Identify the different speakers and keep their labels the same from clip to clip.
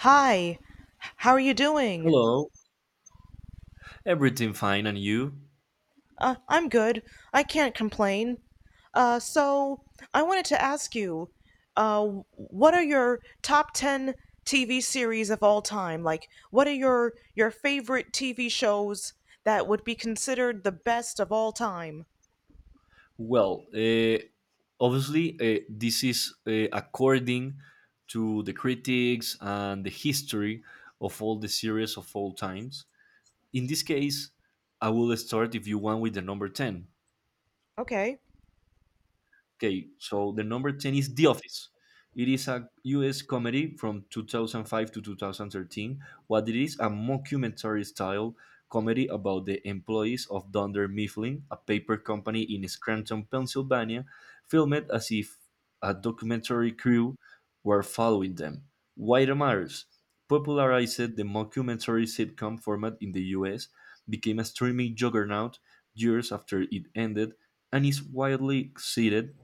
Speaker 1: Hi, how are you doing?
Speaker 2: Hello, everything fine, and you?
Speaker 1: I'm good. I can't complain. Uh, so, I wanted to ask you, uh, what are your top 10 TV series of all time? Like, what are your favorite TV shows that would be considered the best of all time?
Speaker 2: Well, obviously, this is according to the critics and the history of all the series of all times. In this case, I will start if you want with the number 10.
Speaker 1: Okay.
Speaker 2: Okay, so the number 10 is The Office. It is a US comedy from 2005 to 2013. What it is, a mockumentary style comedy about the employees of Dunder Mifflin, a paper company in Scranton, Pennsylvania, filmed as if a documentary crew were following them. Why it matters popularized the mockumentary sitcom format in the US, became a streaming juggernaut years after it ended, and is widely cited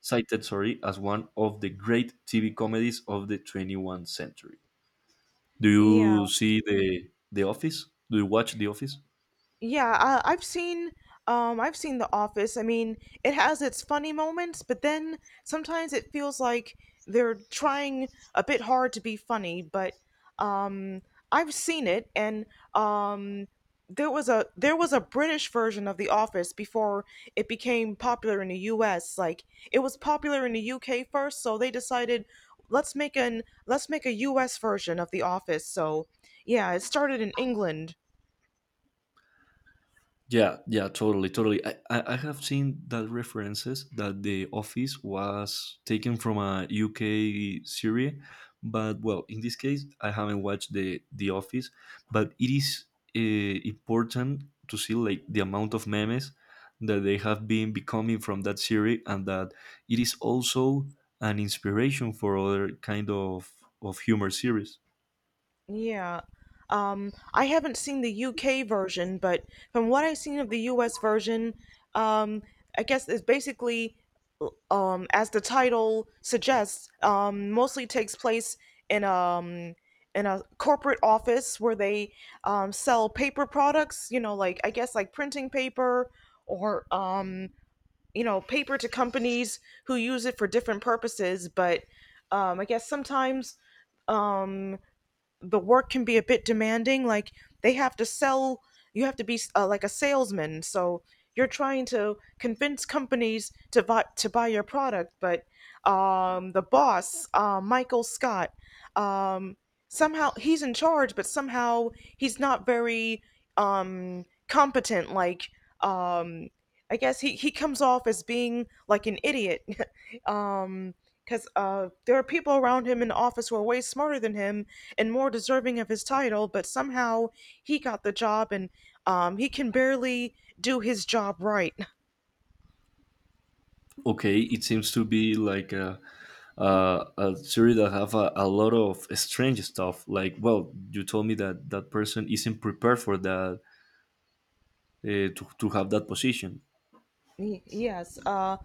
Speaker 2: cited sorry as one of the great TV comedies of the 21st century. Do
Speaker 1: Yeah.
Speaker 2: you see The Office? Do you watch The Office?
Speaker 1: Yeah, I've seen I've seen The Office. I mean, it has its funny moments, but then sometimes it feels like they're trying a bit hard to be funny, but um I've seen it. And um there was a British version of The Office before it became popular in the US. Like, it was popular in the UK first, so they decided let's make a US version of The Office. So yeah, it started in England.
Speaker 2: Yeah, yeah, totally, totally. I have seen that references that The Office was taken from a UK series, but well, in this case, I haven't watched The Office, but it is important to see like the amount of memes that they have been becoming from that series, and that it is also an inspiration for other kind of humor series.
Speaker 1: Yeah. I haven't seen the UK version, but from what I've seen of the US version, um, I guess it's basically, as the title suggests, mostly takes place in um in a corporate office, where they sell paper products. You know, like, I guess like printing paper, or you know, paper to companies who use it for different purposes. But I guess sometimes, um the work can be a bit demanding. Like, they have to sell, you have to be like a salesman. So you're trying to convince companies to buy your product. But the boss, Michael Scott, um, somehow he's in charge, but somehow he's not very um, competent. Like, um, I guess he comes off as being like an idiot. um, because there are people around him in the office who are way smarter than him and more deserving of his title, but somehow he got the job. And he can barely do his job right.
Speaker 2: Okay, it seems to be like a series that have a lot of strange stuff like well you told me that that person isn't prepared for that to have that position.
Speaker 1: Y- Yes,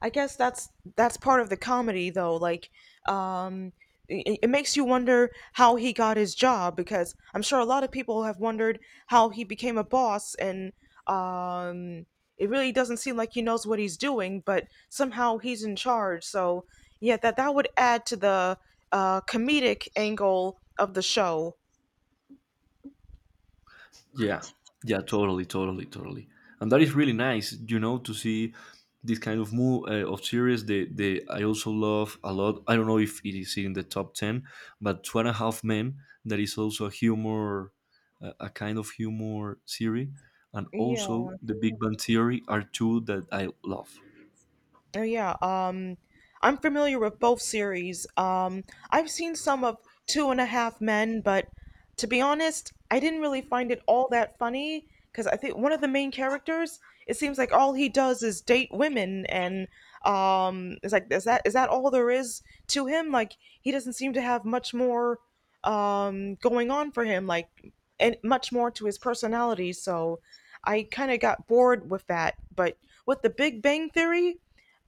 Speaker 1: I guess that's part of the comedy though. Like, um, it makes you wonder how he got his job, because I'm sure a lot of people have wondered how he became a boss. And um, it really doesn't seem like he knows what he's doing, but somehow he's in charge. So yeah, that would add to the comedic angle of the show.
Speaker 2: Yeah, yeah, totally, and that is really nice, you know, to see this kind of move of series. The I also love a lot. I don't know if it is in the top ten, but Two and a Half Men. That is also a humor, a kind of humor series, and
Speaker 1: Yeah.
Speaker 2: also The Big Bang Theory are two that I love.
Speaker 1: Oh yeah, I'm familiar with both series. I've seen some of Two and a Half Men, but to be honest, I didn't really find it all that funny, because I think one of the main characters, it seems like all he does is date women. And it's like, is that all there is to him? Like, he doesn't seem to have much more going on for him, like, and much more to his personality. So I kind of got bored with that. But with The Big Bang Theory,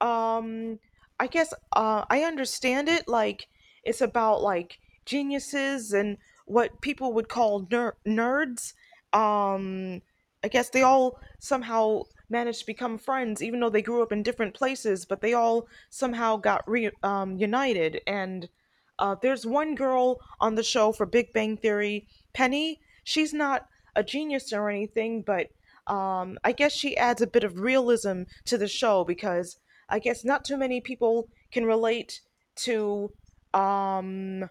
Speaker 1: um I guess I understand it. Like, it's about like geniuses and what people would call nerds. um I guess they all somehow managed to become friends, even though they grew up in different places, but they all somehow got united. And there's one girl on the show for Big Bang Theory, Penny. She's not a genius or anything, but I guess she adds a bit of realism to the show, because I guess not too many people can relate to um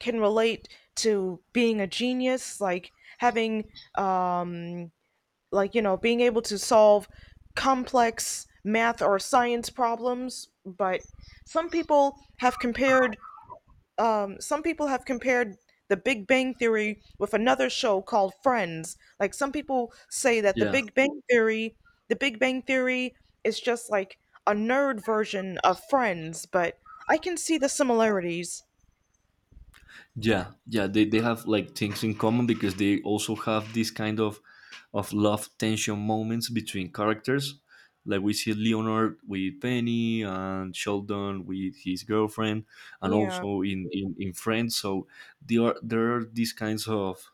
Speaker 1: can relate being a genius. Like, having um like, you know, being able to solve complex math or science problems. But some people have compared some people have compared The Big Bang Theory with another show called Friends. Like, some people say that
Speaker 2: Yeah,
Speaker 1: The Big Bang Theory is just like a nerd version of Friends, but I can see the similarities.
Speaker 2: they have like things in common because they also have this kind of love tension moments between characters like we see Leonard with Penny and Sheldon with his girlfriend, and
Speaker 1: Yeah,
Speaker 2: also in Friends. So there are these kinds of,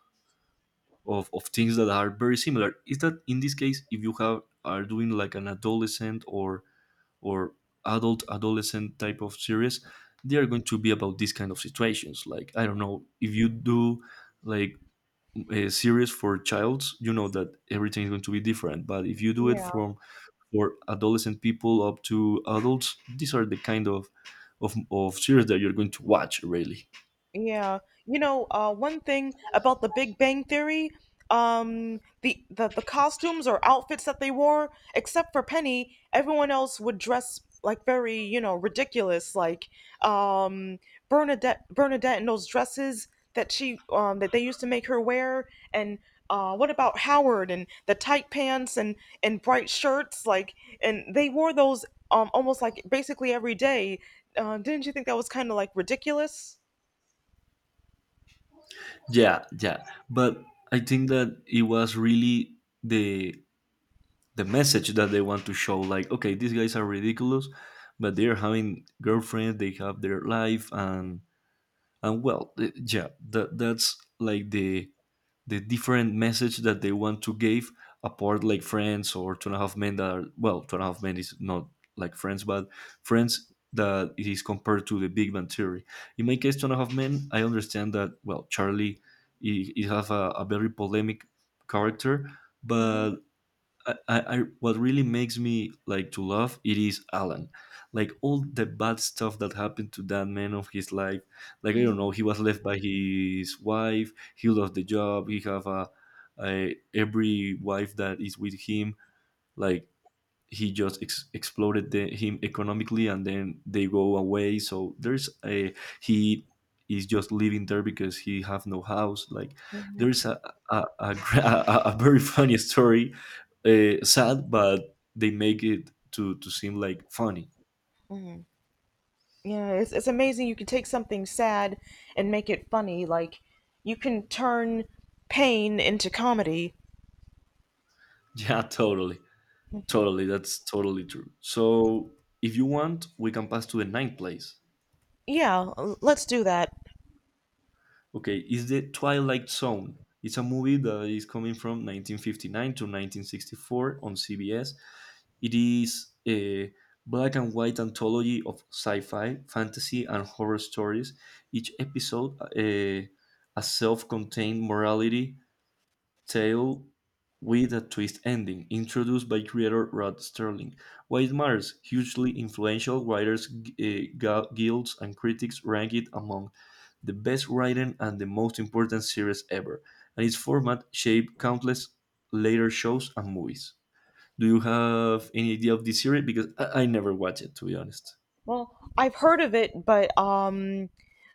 Speaker 2: of things that are very similar. Is that in this case if you have are doing like an adolescent or adult adolescent type of series, they are going to be about these kind of situations. Like I don't know if you do like a series for childs, you know, that everything is going to be different, but if you do it
Speaker 1: yeah.
Speaker 2: from for adolescent people up to adults, these are the kind of of series that you're going to watch really.
Speaker 1: Yeah, you know, one thing about The Big Bang Theory, the costumes or outfits that they wore, except for Penny, everyone else would dress like very, you know, ridiculous. Like, um, Bernadette in those dresses that she that they used to make her wear. And what about Howard and the tight pants and bright shirts, like, and they wore those almost like basically every day. Didn't you think that was kind of like ridiculous?
Speaker 2: Yeah, but I think that it was really the the message that they want to show, like okay, these guys are ridiculous, but they're having girlfriends, they have their life, and well, yeah, that's like the different message that they want to give apart, like Friends or Two and a Half Men that are, well, Two and a Half Men is not like Friends, but Friends that is compared to The Big Bang Theory. In my case, Two and a Half Men, I understand that, well, Charlie, he have a very polemic character, but I what really makes me like to love it is Alan. Like all the bad stuff that happened to that man of his life. Like I don't
Speaker 1: Mm.
Speaker 2: know, he was left by his wife. He lost the job. He have a every wife that is with him. Like he just exploded him economically and then they go away, so there's a he is just living there because he have no house. Like there's a, a, a very funny story, sad, but they make it to seem like funny.
Speaker 1: Yeah, it's amazing you can take something sad and make it funny. Like, you can turn pain into comedy.
Speaker 2: Yeah, totally, that's totally true. So if you want, we can pass to the ninth place.
Speaker 1: Yeah, let's do that.
Speaker 2: Okay, it's The Twilight Zone. It's a movie that is coming from 1959 to 1964 on CBS. It is a black and white anthology of sci-fi, fantasy, and horror stories. Each episode, a self-contained morality tale with a twist ending, introduced by creator Rod Sterling. Why it matters hugely influential writers, uh, guilds, and critics rank it among the best written and the most important series ever, and its format shaped countless later shows and movies. Do you have any idea of this series? Because I never watched it, to be honest.
Speaker 1: Well, I've heard of it, but um,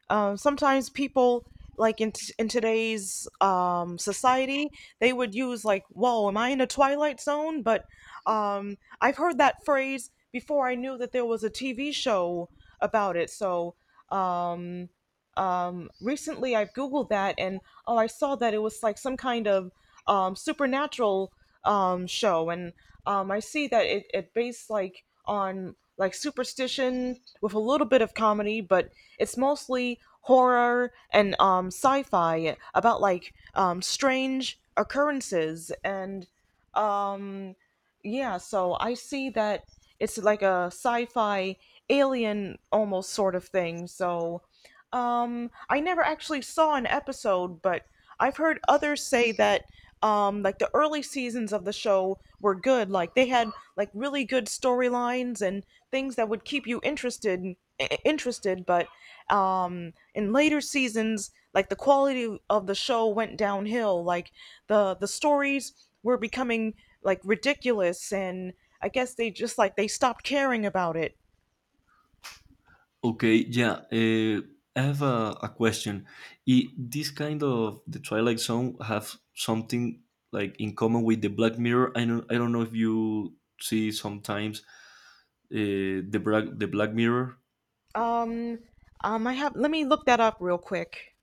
Speaker 1: um, sometimes people, like in today's society, they would use like, "Whoa, am I in a twilight zone?" But I've heard that phrase before I knew that there was a TV show about it. So. Um, recently I've Googled that, and oh, I saw that it was like some kind of supernatural show. And I see that it based like on like superstition with a little bit of comedy, but it's mostly horror and sci-fi about like strange occurrences. And um, yeah, so I see that it's like a sci-fi, alien, almost sort of thing. So I never actually saw an episode, but I've heard others say that like, the early seasons of the show were good. Like, they had like really good storylines and things that would keep you interested. But in later seasons, like, the quality of the show went downhill. Like, the stories were becoming like ridiculous, and I guess they just, like, they stopped caring about it.
Speaker 2: Okay, yeah. I have a question. I, this kind of The Twilight Zone have something like in common with The Black Mirror. I don't know if you see sometimes the Black Mirror.
Speaker 1: Um. I have, let me look that up real quick.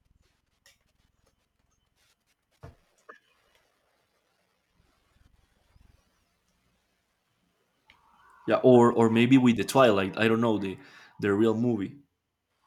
Speaker 2: Yeah, or maybe with The Twilight. I don't know the real movie.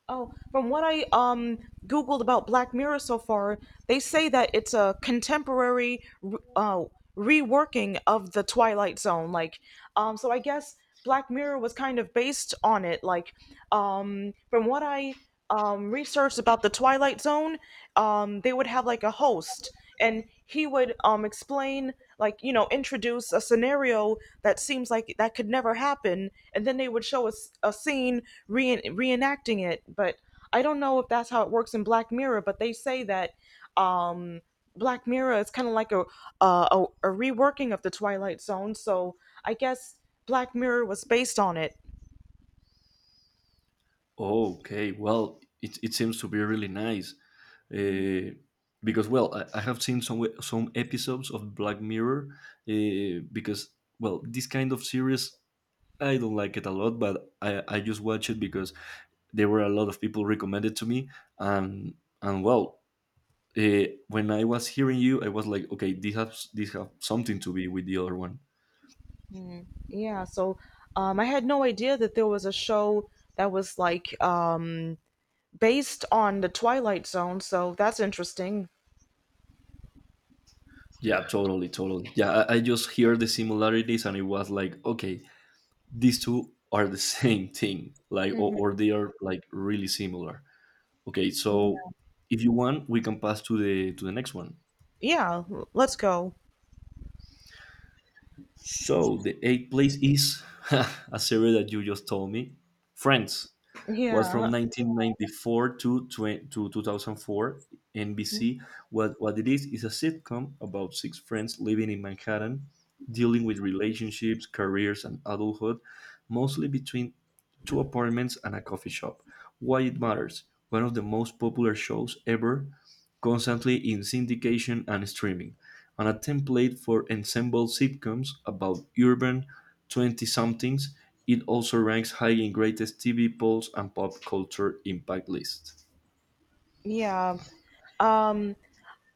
Speaker 1: Oh, from what I googled about Black Mirror so far, they say that it's a contemporary reworking of The Twilight Zone. Like, so I guess Black Mirror was kind of based on it. Like, from what I researched about The Twilight Zone, they would have like a host, and he would explain, like, you know, introduce a scenario that seems like that could never happen, and then they would show us a scene reenacting it. But I don't know if that's how it works in Black Mirror, but they say that um Black Mirror is kind of like a reworking of The Twilight Zone, so I guess Black Mirror was based on it.
Speaker 2: Oh, okay, well, it seems to be really nice. Uh, because well, I have seen some episodes of Black Mirror, because well, this kind of series I don't like it a lot, but I just watch it because there were a lot of people recommended to me, and and well, when I was hearing you, I was like, okay, this has this have something to be with the other one.
Speaker 1: Mm, yeah, so I had no idea that there was a show that was like based on The Twilight Zone, so that's interesting.
Speaker 2: Yeah, totally, totally. Yeah, I just hear the similarities, and it was like, okay, these two are the same thing, like
Speaker 1: Mhm.
Speaker 2: or they are like really similar. Okay, so if you want, we can pass to the next one.
Speaker 1: Yeah, let's go.
Speaker 2: So the eighth place is a series that you just told me. Friends was from
Speaker 1: Yeah.
Speaker 2: 1994 to 2004. NBC. What it is a sitcom about six friends living in Manhattan, dealing with relationships, careers, and adulthood, mostly between two apartments and a coffee shop. Why it matters? One of the most popular shows ever, constantly in syndication and streaming and a template for ensemble sitcoms about urban 20 somethings. It also ranks high in greatest TV polls and pop culture impact lists.
Speaker 1: Yeah. Um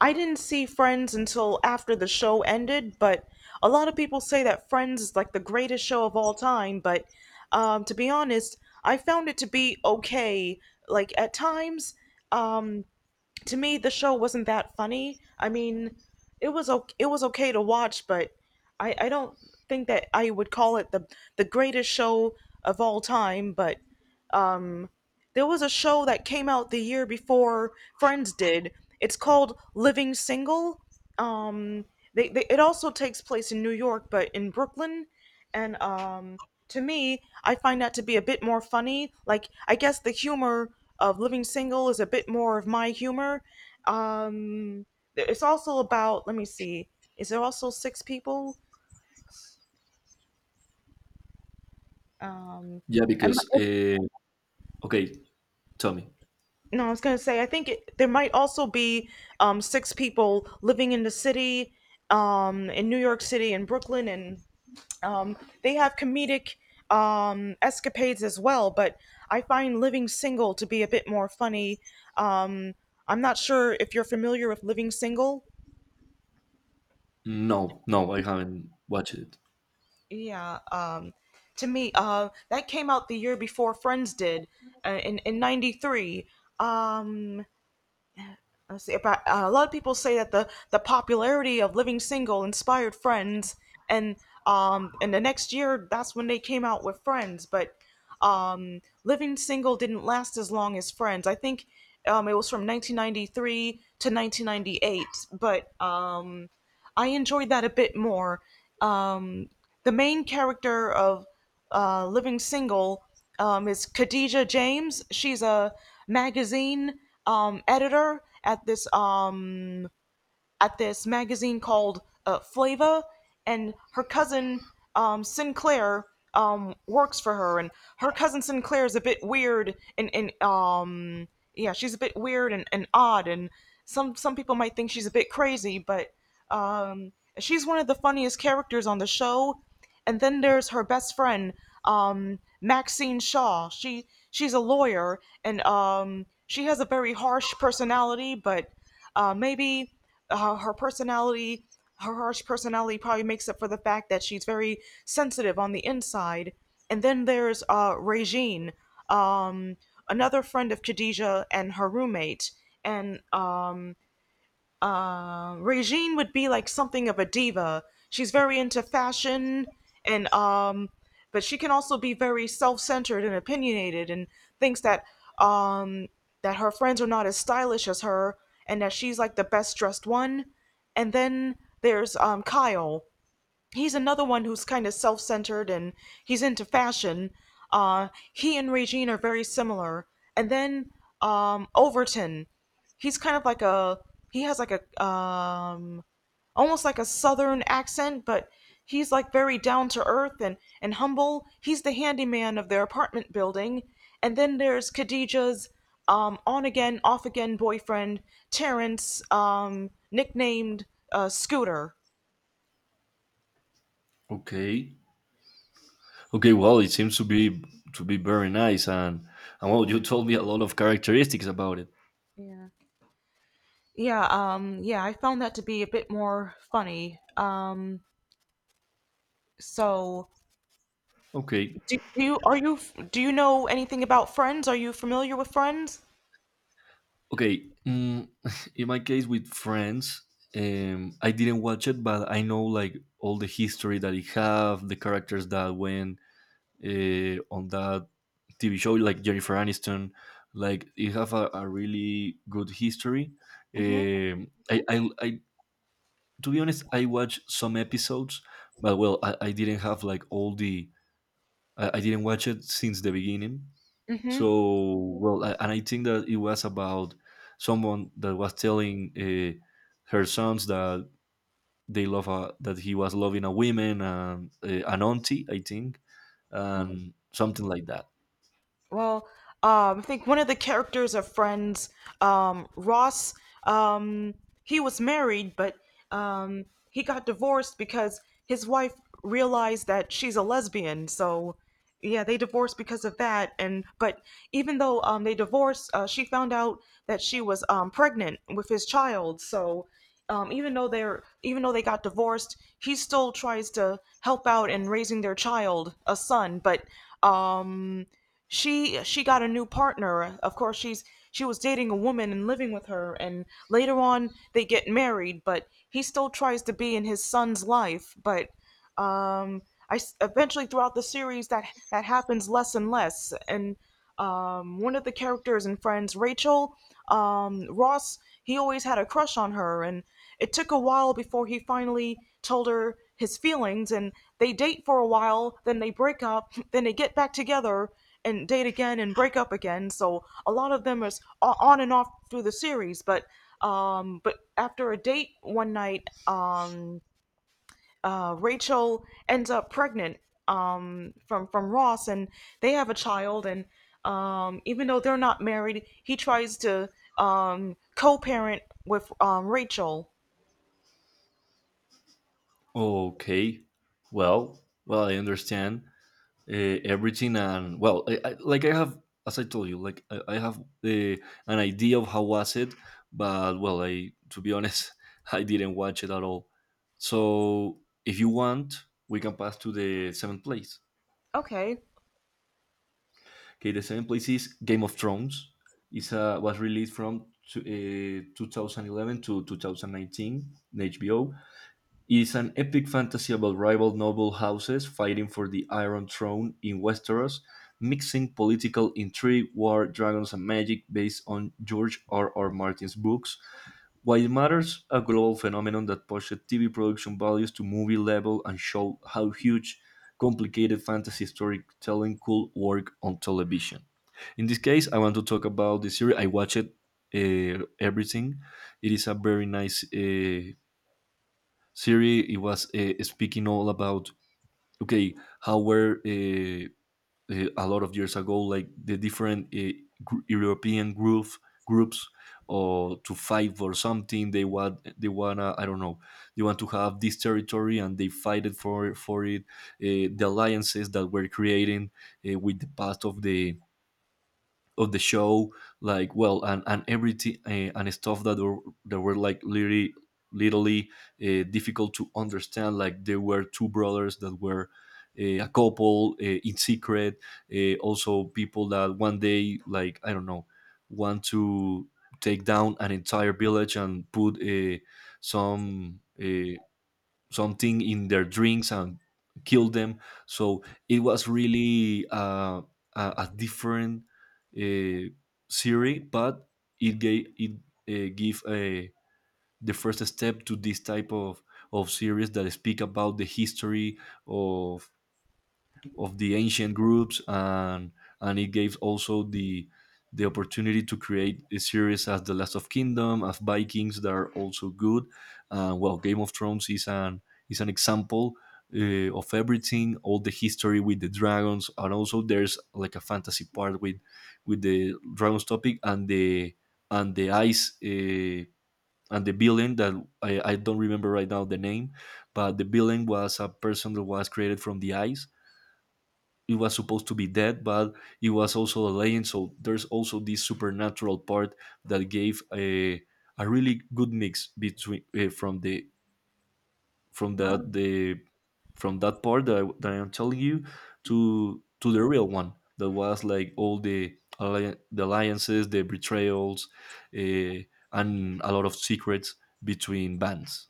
Speaker 1: I didn't see Friends until after the show ended, but a lot of people say that Friends is like the greatest show of all time. But to be honest, I found it to be okay. Like, at times, um to me the show wasn't that funny. I mean, it was okay to watch, but I don't think that I would call it the greatest show of all time. But there was a show that came out the year before Friends did. It's called Living Single. Um, they, it also takes place in New York, but in Brooklyn. And to me, I find that to be a bit more funny. Like, I guess the humor of Living Single is a bit more of my humor. Um, it's also about, let me see, is there also six people? Um,
Speaker 2: Yeah,
Speaker 1: am,
Speaker 2: because, okay, tell me.
Speaker 1: No, I was gonna say, I think it, there might also be six people living in the city, in New York City and Brooklyn. And um, they have comedic escapades as well. But I find Living Single to be a bit more funny. Um, I'm not sure if you're familiar with Living Single.
Speaker 2: No, no, I haven't watched it.
Speaker 1: Yeah, to me, that came out the year before Friends did, in '93. Um, I see. About, a lot of people say that the popularity of Living Single inspired Friends. And and the next year, that's when they came out with Friends. But Living Single didn't last as long as Friends. I think it was from 1993 to 1998. But I enjoyed that a bit more. Um, the main character of Living Single is Khadija James. She's a magazine editor at this magazine called Flava. And her cousin Sinclair works for her. And her cousin Sinclair is a bit weird and yeah, she's a bit weird and odd, and some people might think she's a bit crazy. But um, she's one of the funniest characters on the show. And then there's her best friend, Maxine Shaw. She's a lawyer, and she has a very harsh personality. But maybe her personality, her harsh personality, probably makes up for the fact that she's very sensitive on the inside. And then there's Regine, um, another friend of Khadijah and her roommate, and Regine would be like something of a diva. She's very into fashion and but she can also be very self-centered and opinionated and thinks um that her friends are not as stylish as her and that she's like the best dressed one. And then there's Kyle. He's another one who's kind of self-centered and he's into fashion. Uh, he and Regine are very similar. And then Overton, he's kind of like a he has like a almost like a southern accent, but he's like very down to earth and humble. He's the handyman of their apartment building. And then there's Khadijah's on again, off again boyfriend, Terrence, nicknamed Scooter.
Speaker 2: Okay. Okay, well, it seems to be very nice, and well, you told me a lot of characteristics about it.
Speaker 1: Yeah, yeah, I found that to be a bit more funny. So
Speaker 2: Okay.
Speaker 1: do, do you are you do you know anything about Friends? Are you familiar with Friends?
Speaker 2: Okay, mm, in my case with Friends, I didn't watch it, but I know like all the history that it have, the characters that went on that TV show, like Jennifer Aniston, like it have a really good history.
Speaker 1: Mm-hmm.
Speaker 2: Um, I, I, I, to be honest, I watched some episodes, but well, I didn't have like all the, I didn't watch it since the beginning.
Speaker 1: Mm-hmm.
Speaker 2: So well, and I think that it was about someone that was telling her sons that that he was loving a woman and an auntie, I think, and something like that.
Speaker 1: Well, I think one of the characters of Friends, Ross, um, he was married, but he got divorced because his wife realized that she's a lesbian. So, yeah, they divorced because of that. And but even though they divorced, she found out that she was pregnant with his child. So, even though they got divorced, he still tries to help out in raising their child, a son. But um, she got a new partner. Of course, she was dating a woman and living with her, and later on they get married. But he still tries to be in his son's life. Um, Eventually throughout the series that happens less and less. And one of the characters and friends, Rachel, Ross, he always had a crush on her, and it took a while before he finally told her his feelings. And they date for a while, then they break up, then they get back together and date again and break up again. So a lot of them is on and off through the series, but after a date one night, Rachel ends up pregnant from Ross, and they have a child. And even though they're not married, he tries to co-parent with Rachel.
Speaker 2: Okay, well, I understand everything. And well, like I have as I told you, I have an idea of how was it, but well, I, to be honest, I didn't watch it at all. So if you want, we can pass to the seventh place.
Speaker 1: Okay,
Speaker 2: Okay, the seventh place is Game of Thrones. It's was released from to, 2011 to 2019 in HBO. Is an epic fantasy about rival noble houses fighting for the Iron Throne in Westeros, mixing political intrigue, war, dragons, and magic based on George R. R. Martin's books. While it matters, a global phenomenon that pushed TV production values to movie level and showed how huge, complicated fantasy storytelling could work on television. In this case, I want to talk about the series. I watched everything. It is a very nice Siri, it was speaking all about okay how were a lot of years ago, like the different European groups or to fight for something they want, they wanna, I don't know, they want to have this territory and they fight it for it. Uh, the alliances that were creating with the path of the show, like well and everything, and stuff that were like literally difficult to understand. Like there were two brothers that were a couple in secret. Uh, also people that one day like I don't know want to take down an entire village and put some uh, something in their drinks and kill them. So it was really a different uh, series, but it gave it give a the first step to this type of series that speak about the history of of the ancient groups and it gave also the opportunity to create a series as The Last of Kingdom, as Vikings, that are also good. Well, Game of Thrones is an example of everything, all the history with the dragons, and also there's like a fantasy part with the dragons topic, and the ice and the villain that I don't remember right now the name. But the villain was a person that was created from the ice. It was supposed to be dead, but it was also a legend. So there's also this supernatural part that gave a really good mix between from
Speaker 1: wow,
Speaker 2: the from that part that I am telling you to the real one, that was like all the the alliances, the betrayals, uh, and a lot of secrets between bands.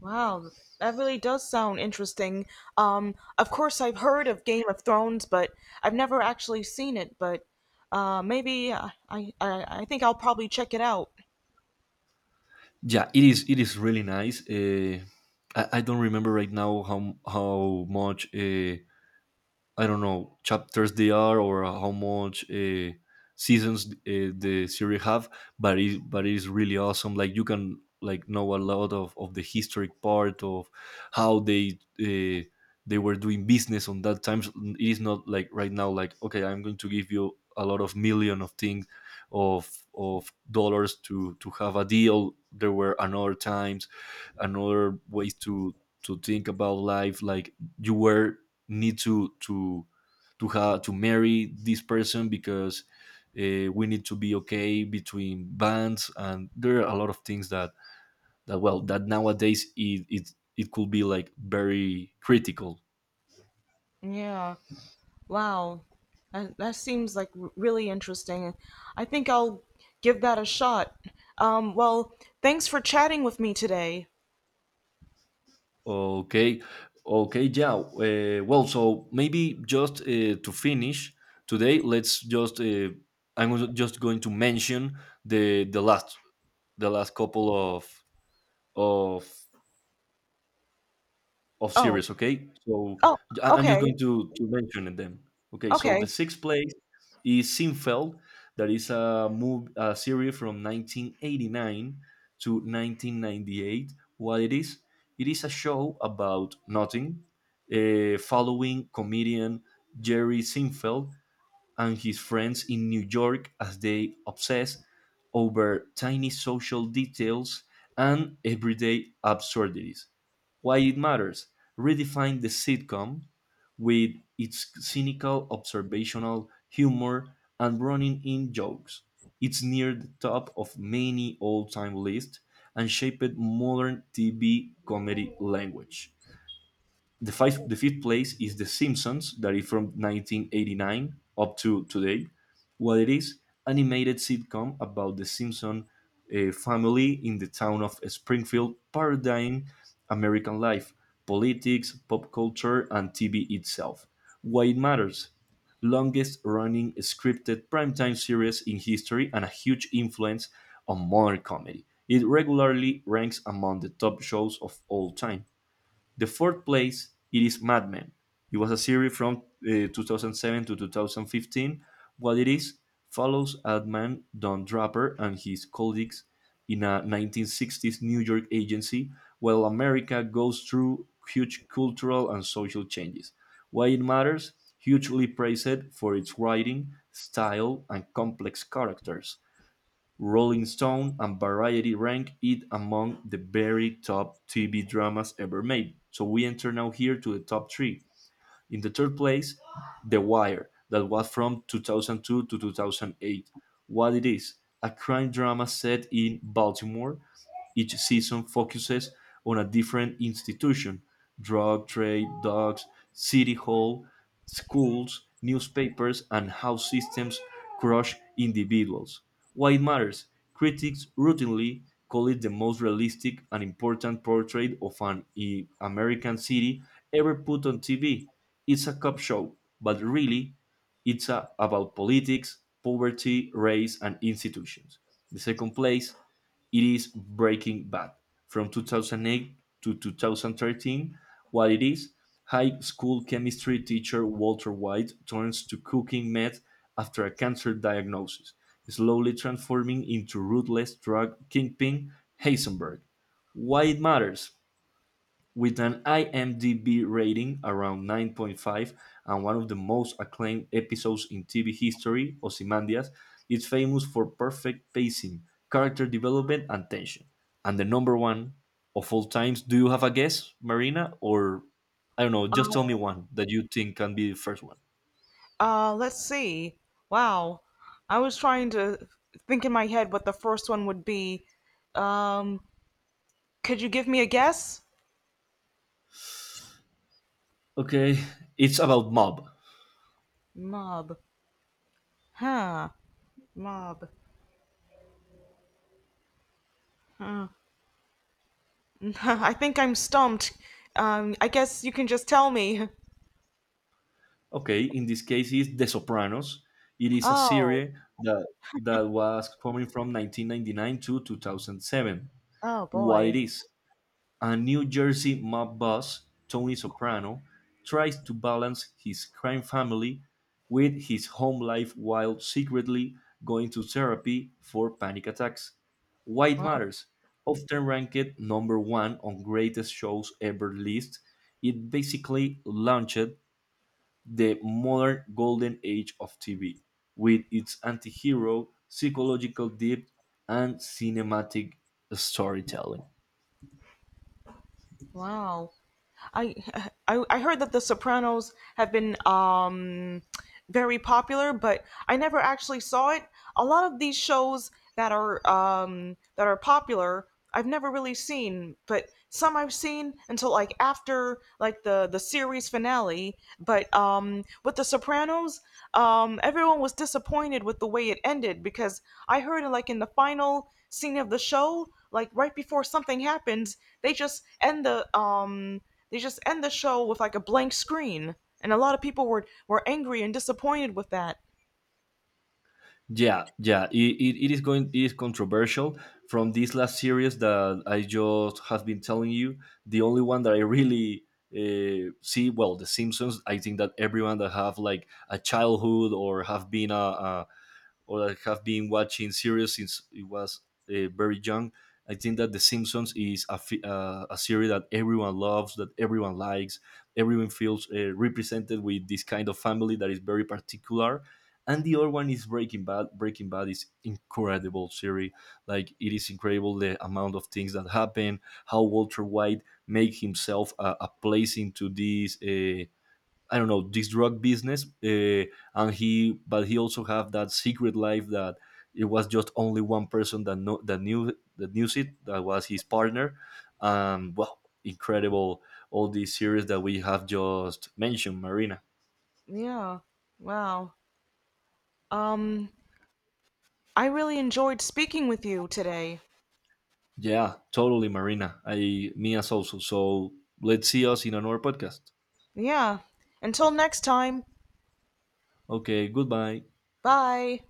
Speaker 1: wow, that really does sound interesting. Of course, I've heard of Game of Thrones, but I've never actually seen it. But maybe I think I'll probably check it out.
Speaker 2: Yeah, it is. It is really nice. I don't remember right now how much. I don't know, chapters they are, or how much seasons the series have, but it's really awesome. Like, you can like know a lot of the historic part of how they were doing business on that time. It is not like right now, like, okay, I'm going to give you a lot of million of things of dollars to have a deal. There were another times, another ways to think about life. Like, you were need to have to marry this person because we need to be okay between bands, and there are a lot of things that well, that nowadays it could be like very critical.
Speaker 1: Yeah. Wow, that seems like really interesting. I think I'll give that a shot. Well, thanks for chatting with me today.
Speaker 2: Okay. Okay, yeah, well, so maybe just to finish today, let's just just going to mention the the last the last couple of of of
Speaker 1: Oh,
Speaker 2: series. Okay. So
Speaker 1: oh,
Speaker 2: I'm just
Speaker 1: okay,
Speaker 2: going to mention them. Okay, so
Speaker 1: okay.
Speaker 2: the sixth place is Sinfeld, that is a move a series from 1989 to 1998. What it is? It is a show about nothing, following comedian Jerry Sinfeld and his friends in New York as they obsess over tiny social details and everyday absurdities. Why it matters: redefined the sitcom with its cynical, observational humor and running in jokes. It's near the top of many all time lists and shaped modern TV comedy language. The fifth the fifth place is The Simpsons, that is from 1989 up to today. What it is: animated sitcom about the Simpson family in the town of Springfield, paradigm American life, politics, pop culture, and TV itself. Why it matters: longest running scripted primetime series in history and a huge influence on modern comedy. It regularly ranks among the top shows of all time. The fourth place, it is Mad Men. It was a series from 2007 to 2015. What it is: follows ad man Don Draper and his colleagues in a 1960s New York agency while America goes through huge cultural and social changes. Why it matters? Hugely praised for its writing, style, and complex characters. Rolling Stone and Variety rank it among the very top TV dramas ever made. So we enter now here to the top three. In the third place, The Wire, that was from 2002 to 2008. What it is? A crime drama set in Baltimore. Each season focuses on a different institution: drug trade, dogs, city hall, schools, newspapers, and how systems crush individuals. Why it matters? Critics routinely call it the most realistic and important portrait of an American city ever put on TV. It's a cop show, but really, it's a, about politics, poverty, race, and institutions. The second place, it is Breaking Bad. From 2008 to 2013, what it is, high school chemistry teacher Walter White turns to cooking meth after a cancer diagnosis, slowly transforming into ruthless drug kingpin Heisenberg. Why it matters? With an IMDb rating around 9.5 and one of the most acclaimed episodes in TV history, Ozymandias, is famous for perfect pacing, character development, and tension. And the number one of all times, do you have a guess, Marina? Or, I don't know, just
Speaker 1: Uh,
Speaker 2: tell me one that you think can be the first one.
Speaker 1: let's see. Wow, I was trying to think in my head what the first one would be. Um, could you give me a guess?
Speaker 2: Okay, it's about mob.
Speaker 1: Mob. Huh. Mob. I think I'm stumped. I guess you can just tell me.
Speaker 2: Okay, in this case, it's The Sopranos. It is a
Speaker 1: Oh,
Speaker 2: series that that was coming from 1999 to 2007.
Speaker 1: oh
Speaker 2: What it
Speaker 1: boy.
Speaker 2: is: a New Jersey mob boss, Tony Soprano, tries to balance his crime family with his home life while secretly going to therapy for panic attacks. Why it
Speaker 1: Wow.
Speaker 2: matters, often ranked number one on greatest shows ever list, it basically launched the modern golden age of TV with its anti hero, psychological depth, and cinematic storytelling.
Speaker 1: Wow. I, I heard that The Sopranos have been very popular, but I never actually saw it. A lot of these shows that are popular, I've never really seen, but some I've seen until like after like the series finale. But with The Sopranos, everyone was disappointed with the way it ended because I heard like in the final scene of the show, like right before something happens, they just end the um, they just end the show with like a blank screen, and a lot of people were angry and disappointed with that.
Speaker 2: Yeah, yeah, it is going. It is controversial. From this last series that I just have been telling you, the only one that I really see, well, The Simpsons. I think that everyone that have like a childhood or have been a or I have been watching series since it was very young. I think that The Simpsons is a series that everyone loves, that everyone likes, everyone feels represented with this kind of family that is very particular. And the other one is Breaking Bad. Breaking Bad is incredible series. Like, it is incredible the amount of things that happen, how Walter White make himself a place into this. I don't know, this drug business, and he but he also have that secret life, that it was just only one person that know that knew it, that was his partner. Incredible all these series that we have just mentioned, Marina.
Speaker 1: Yeah. Wow. Um, I really enjoyed speaking with you today.
Speaker 2: Yeah, totally, Marina. I me as also. So let's see us in another podcast.
Speaker 1: Yeah. Until next time.
Speaker 2: Okay, goodbye.
Speaker 1: Bye.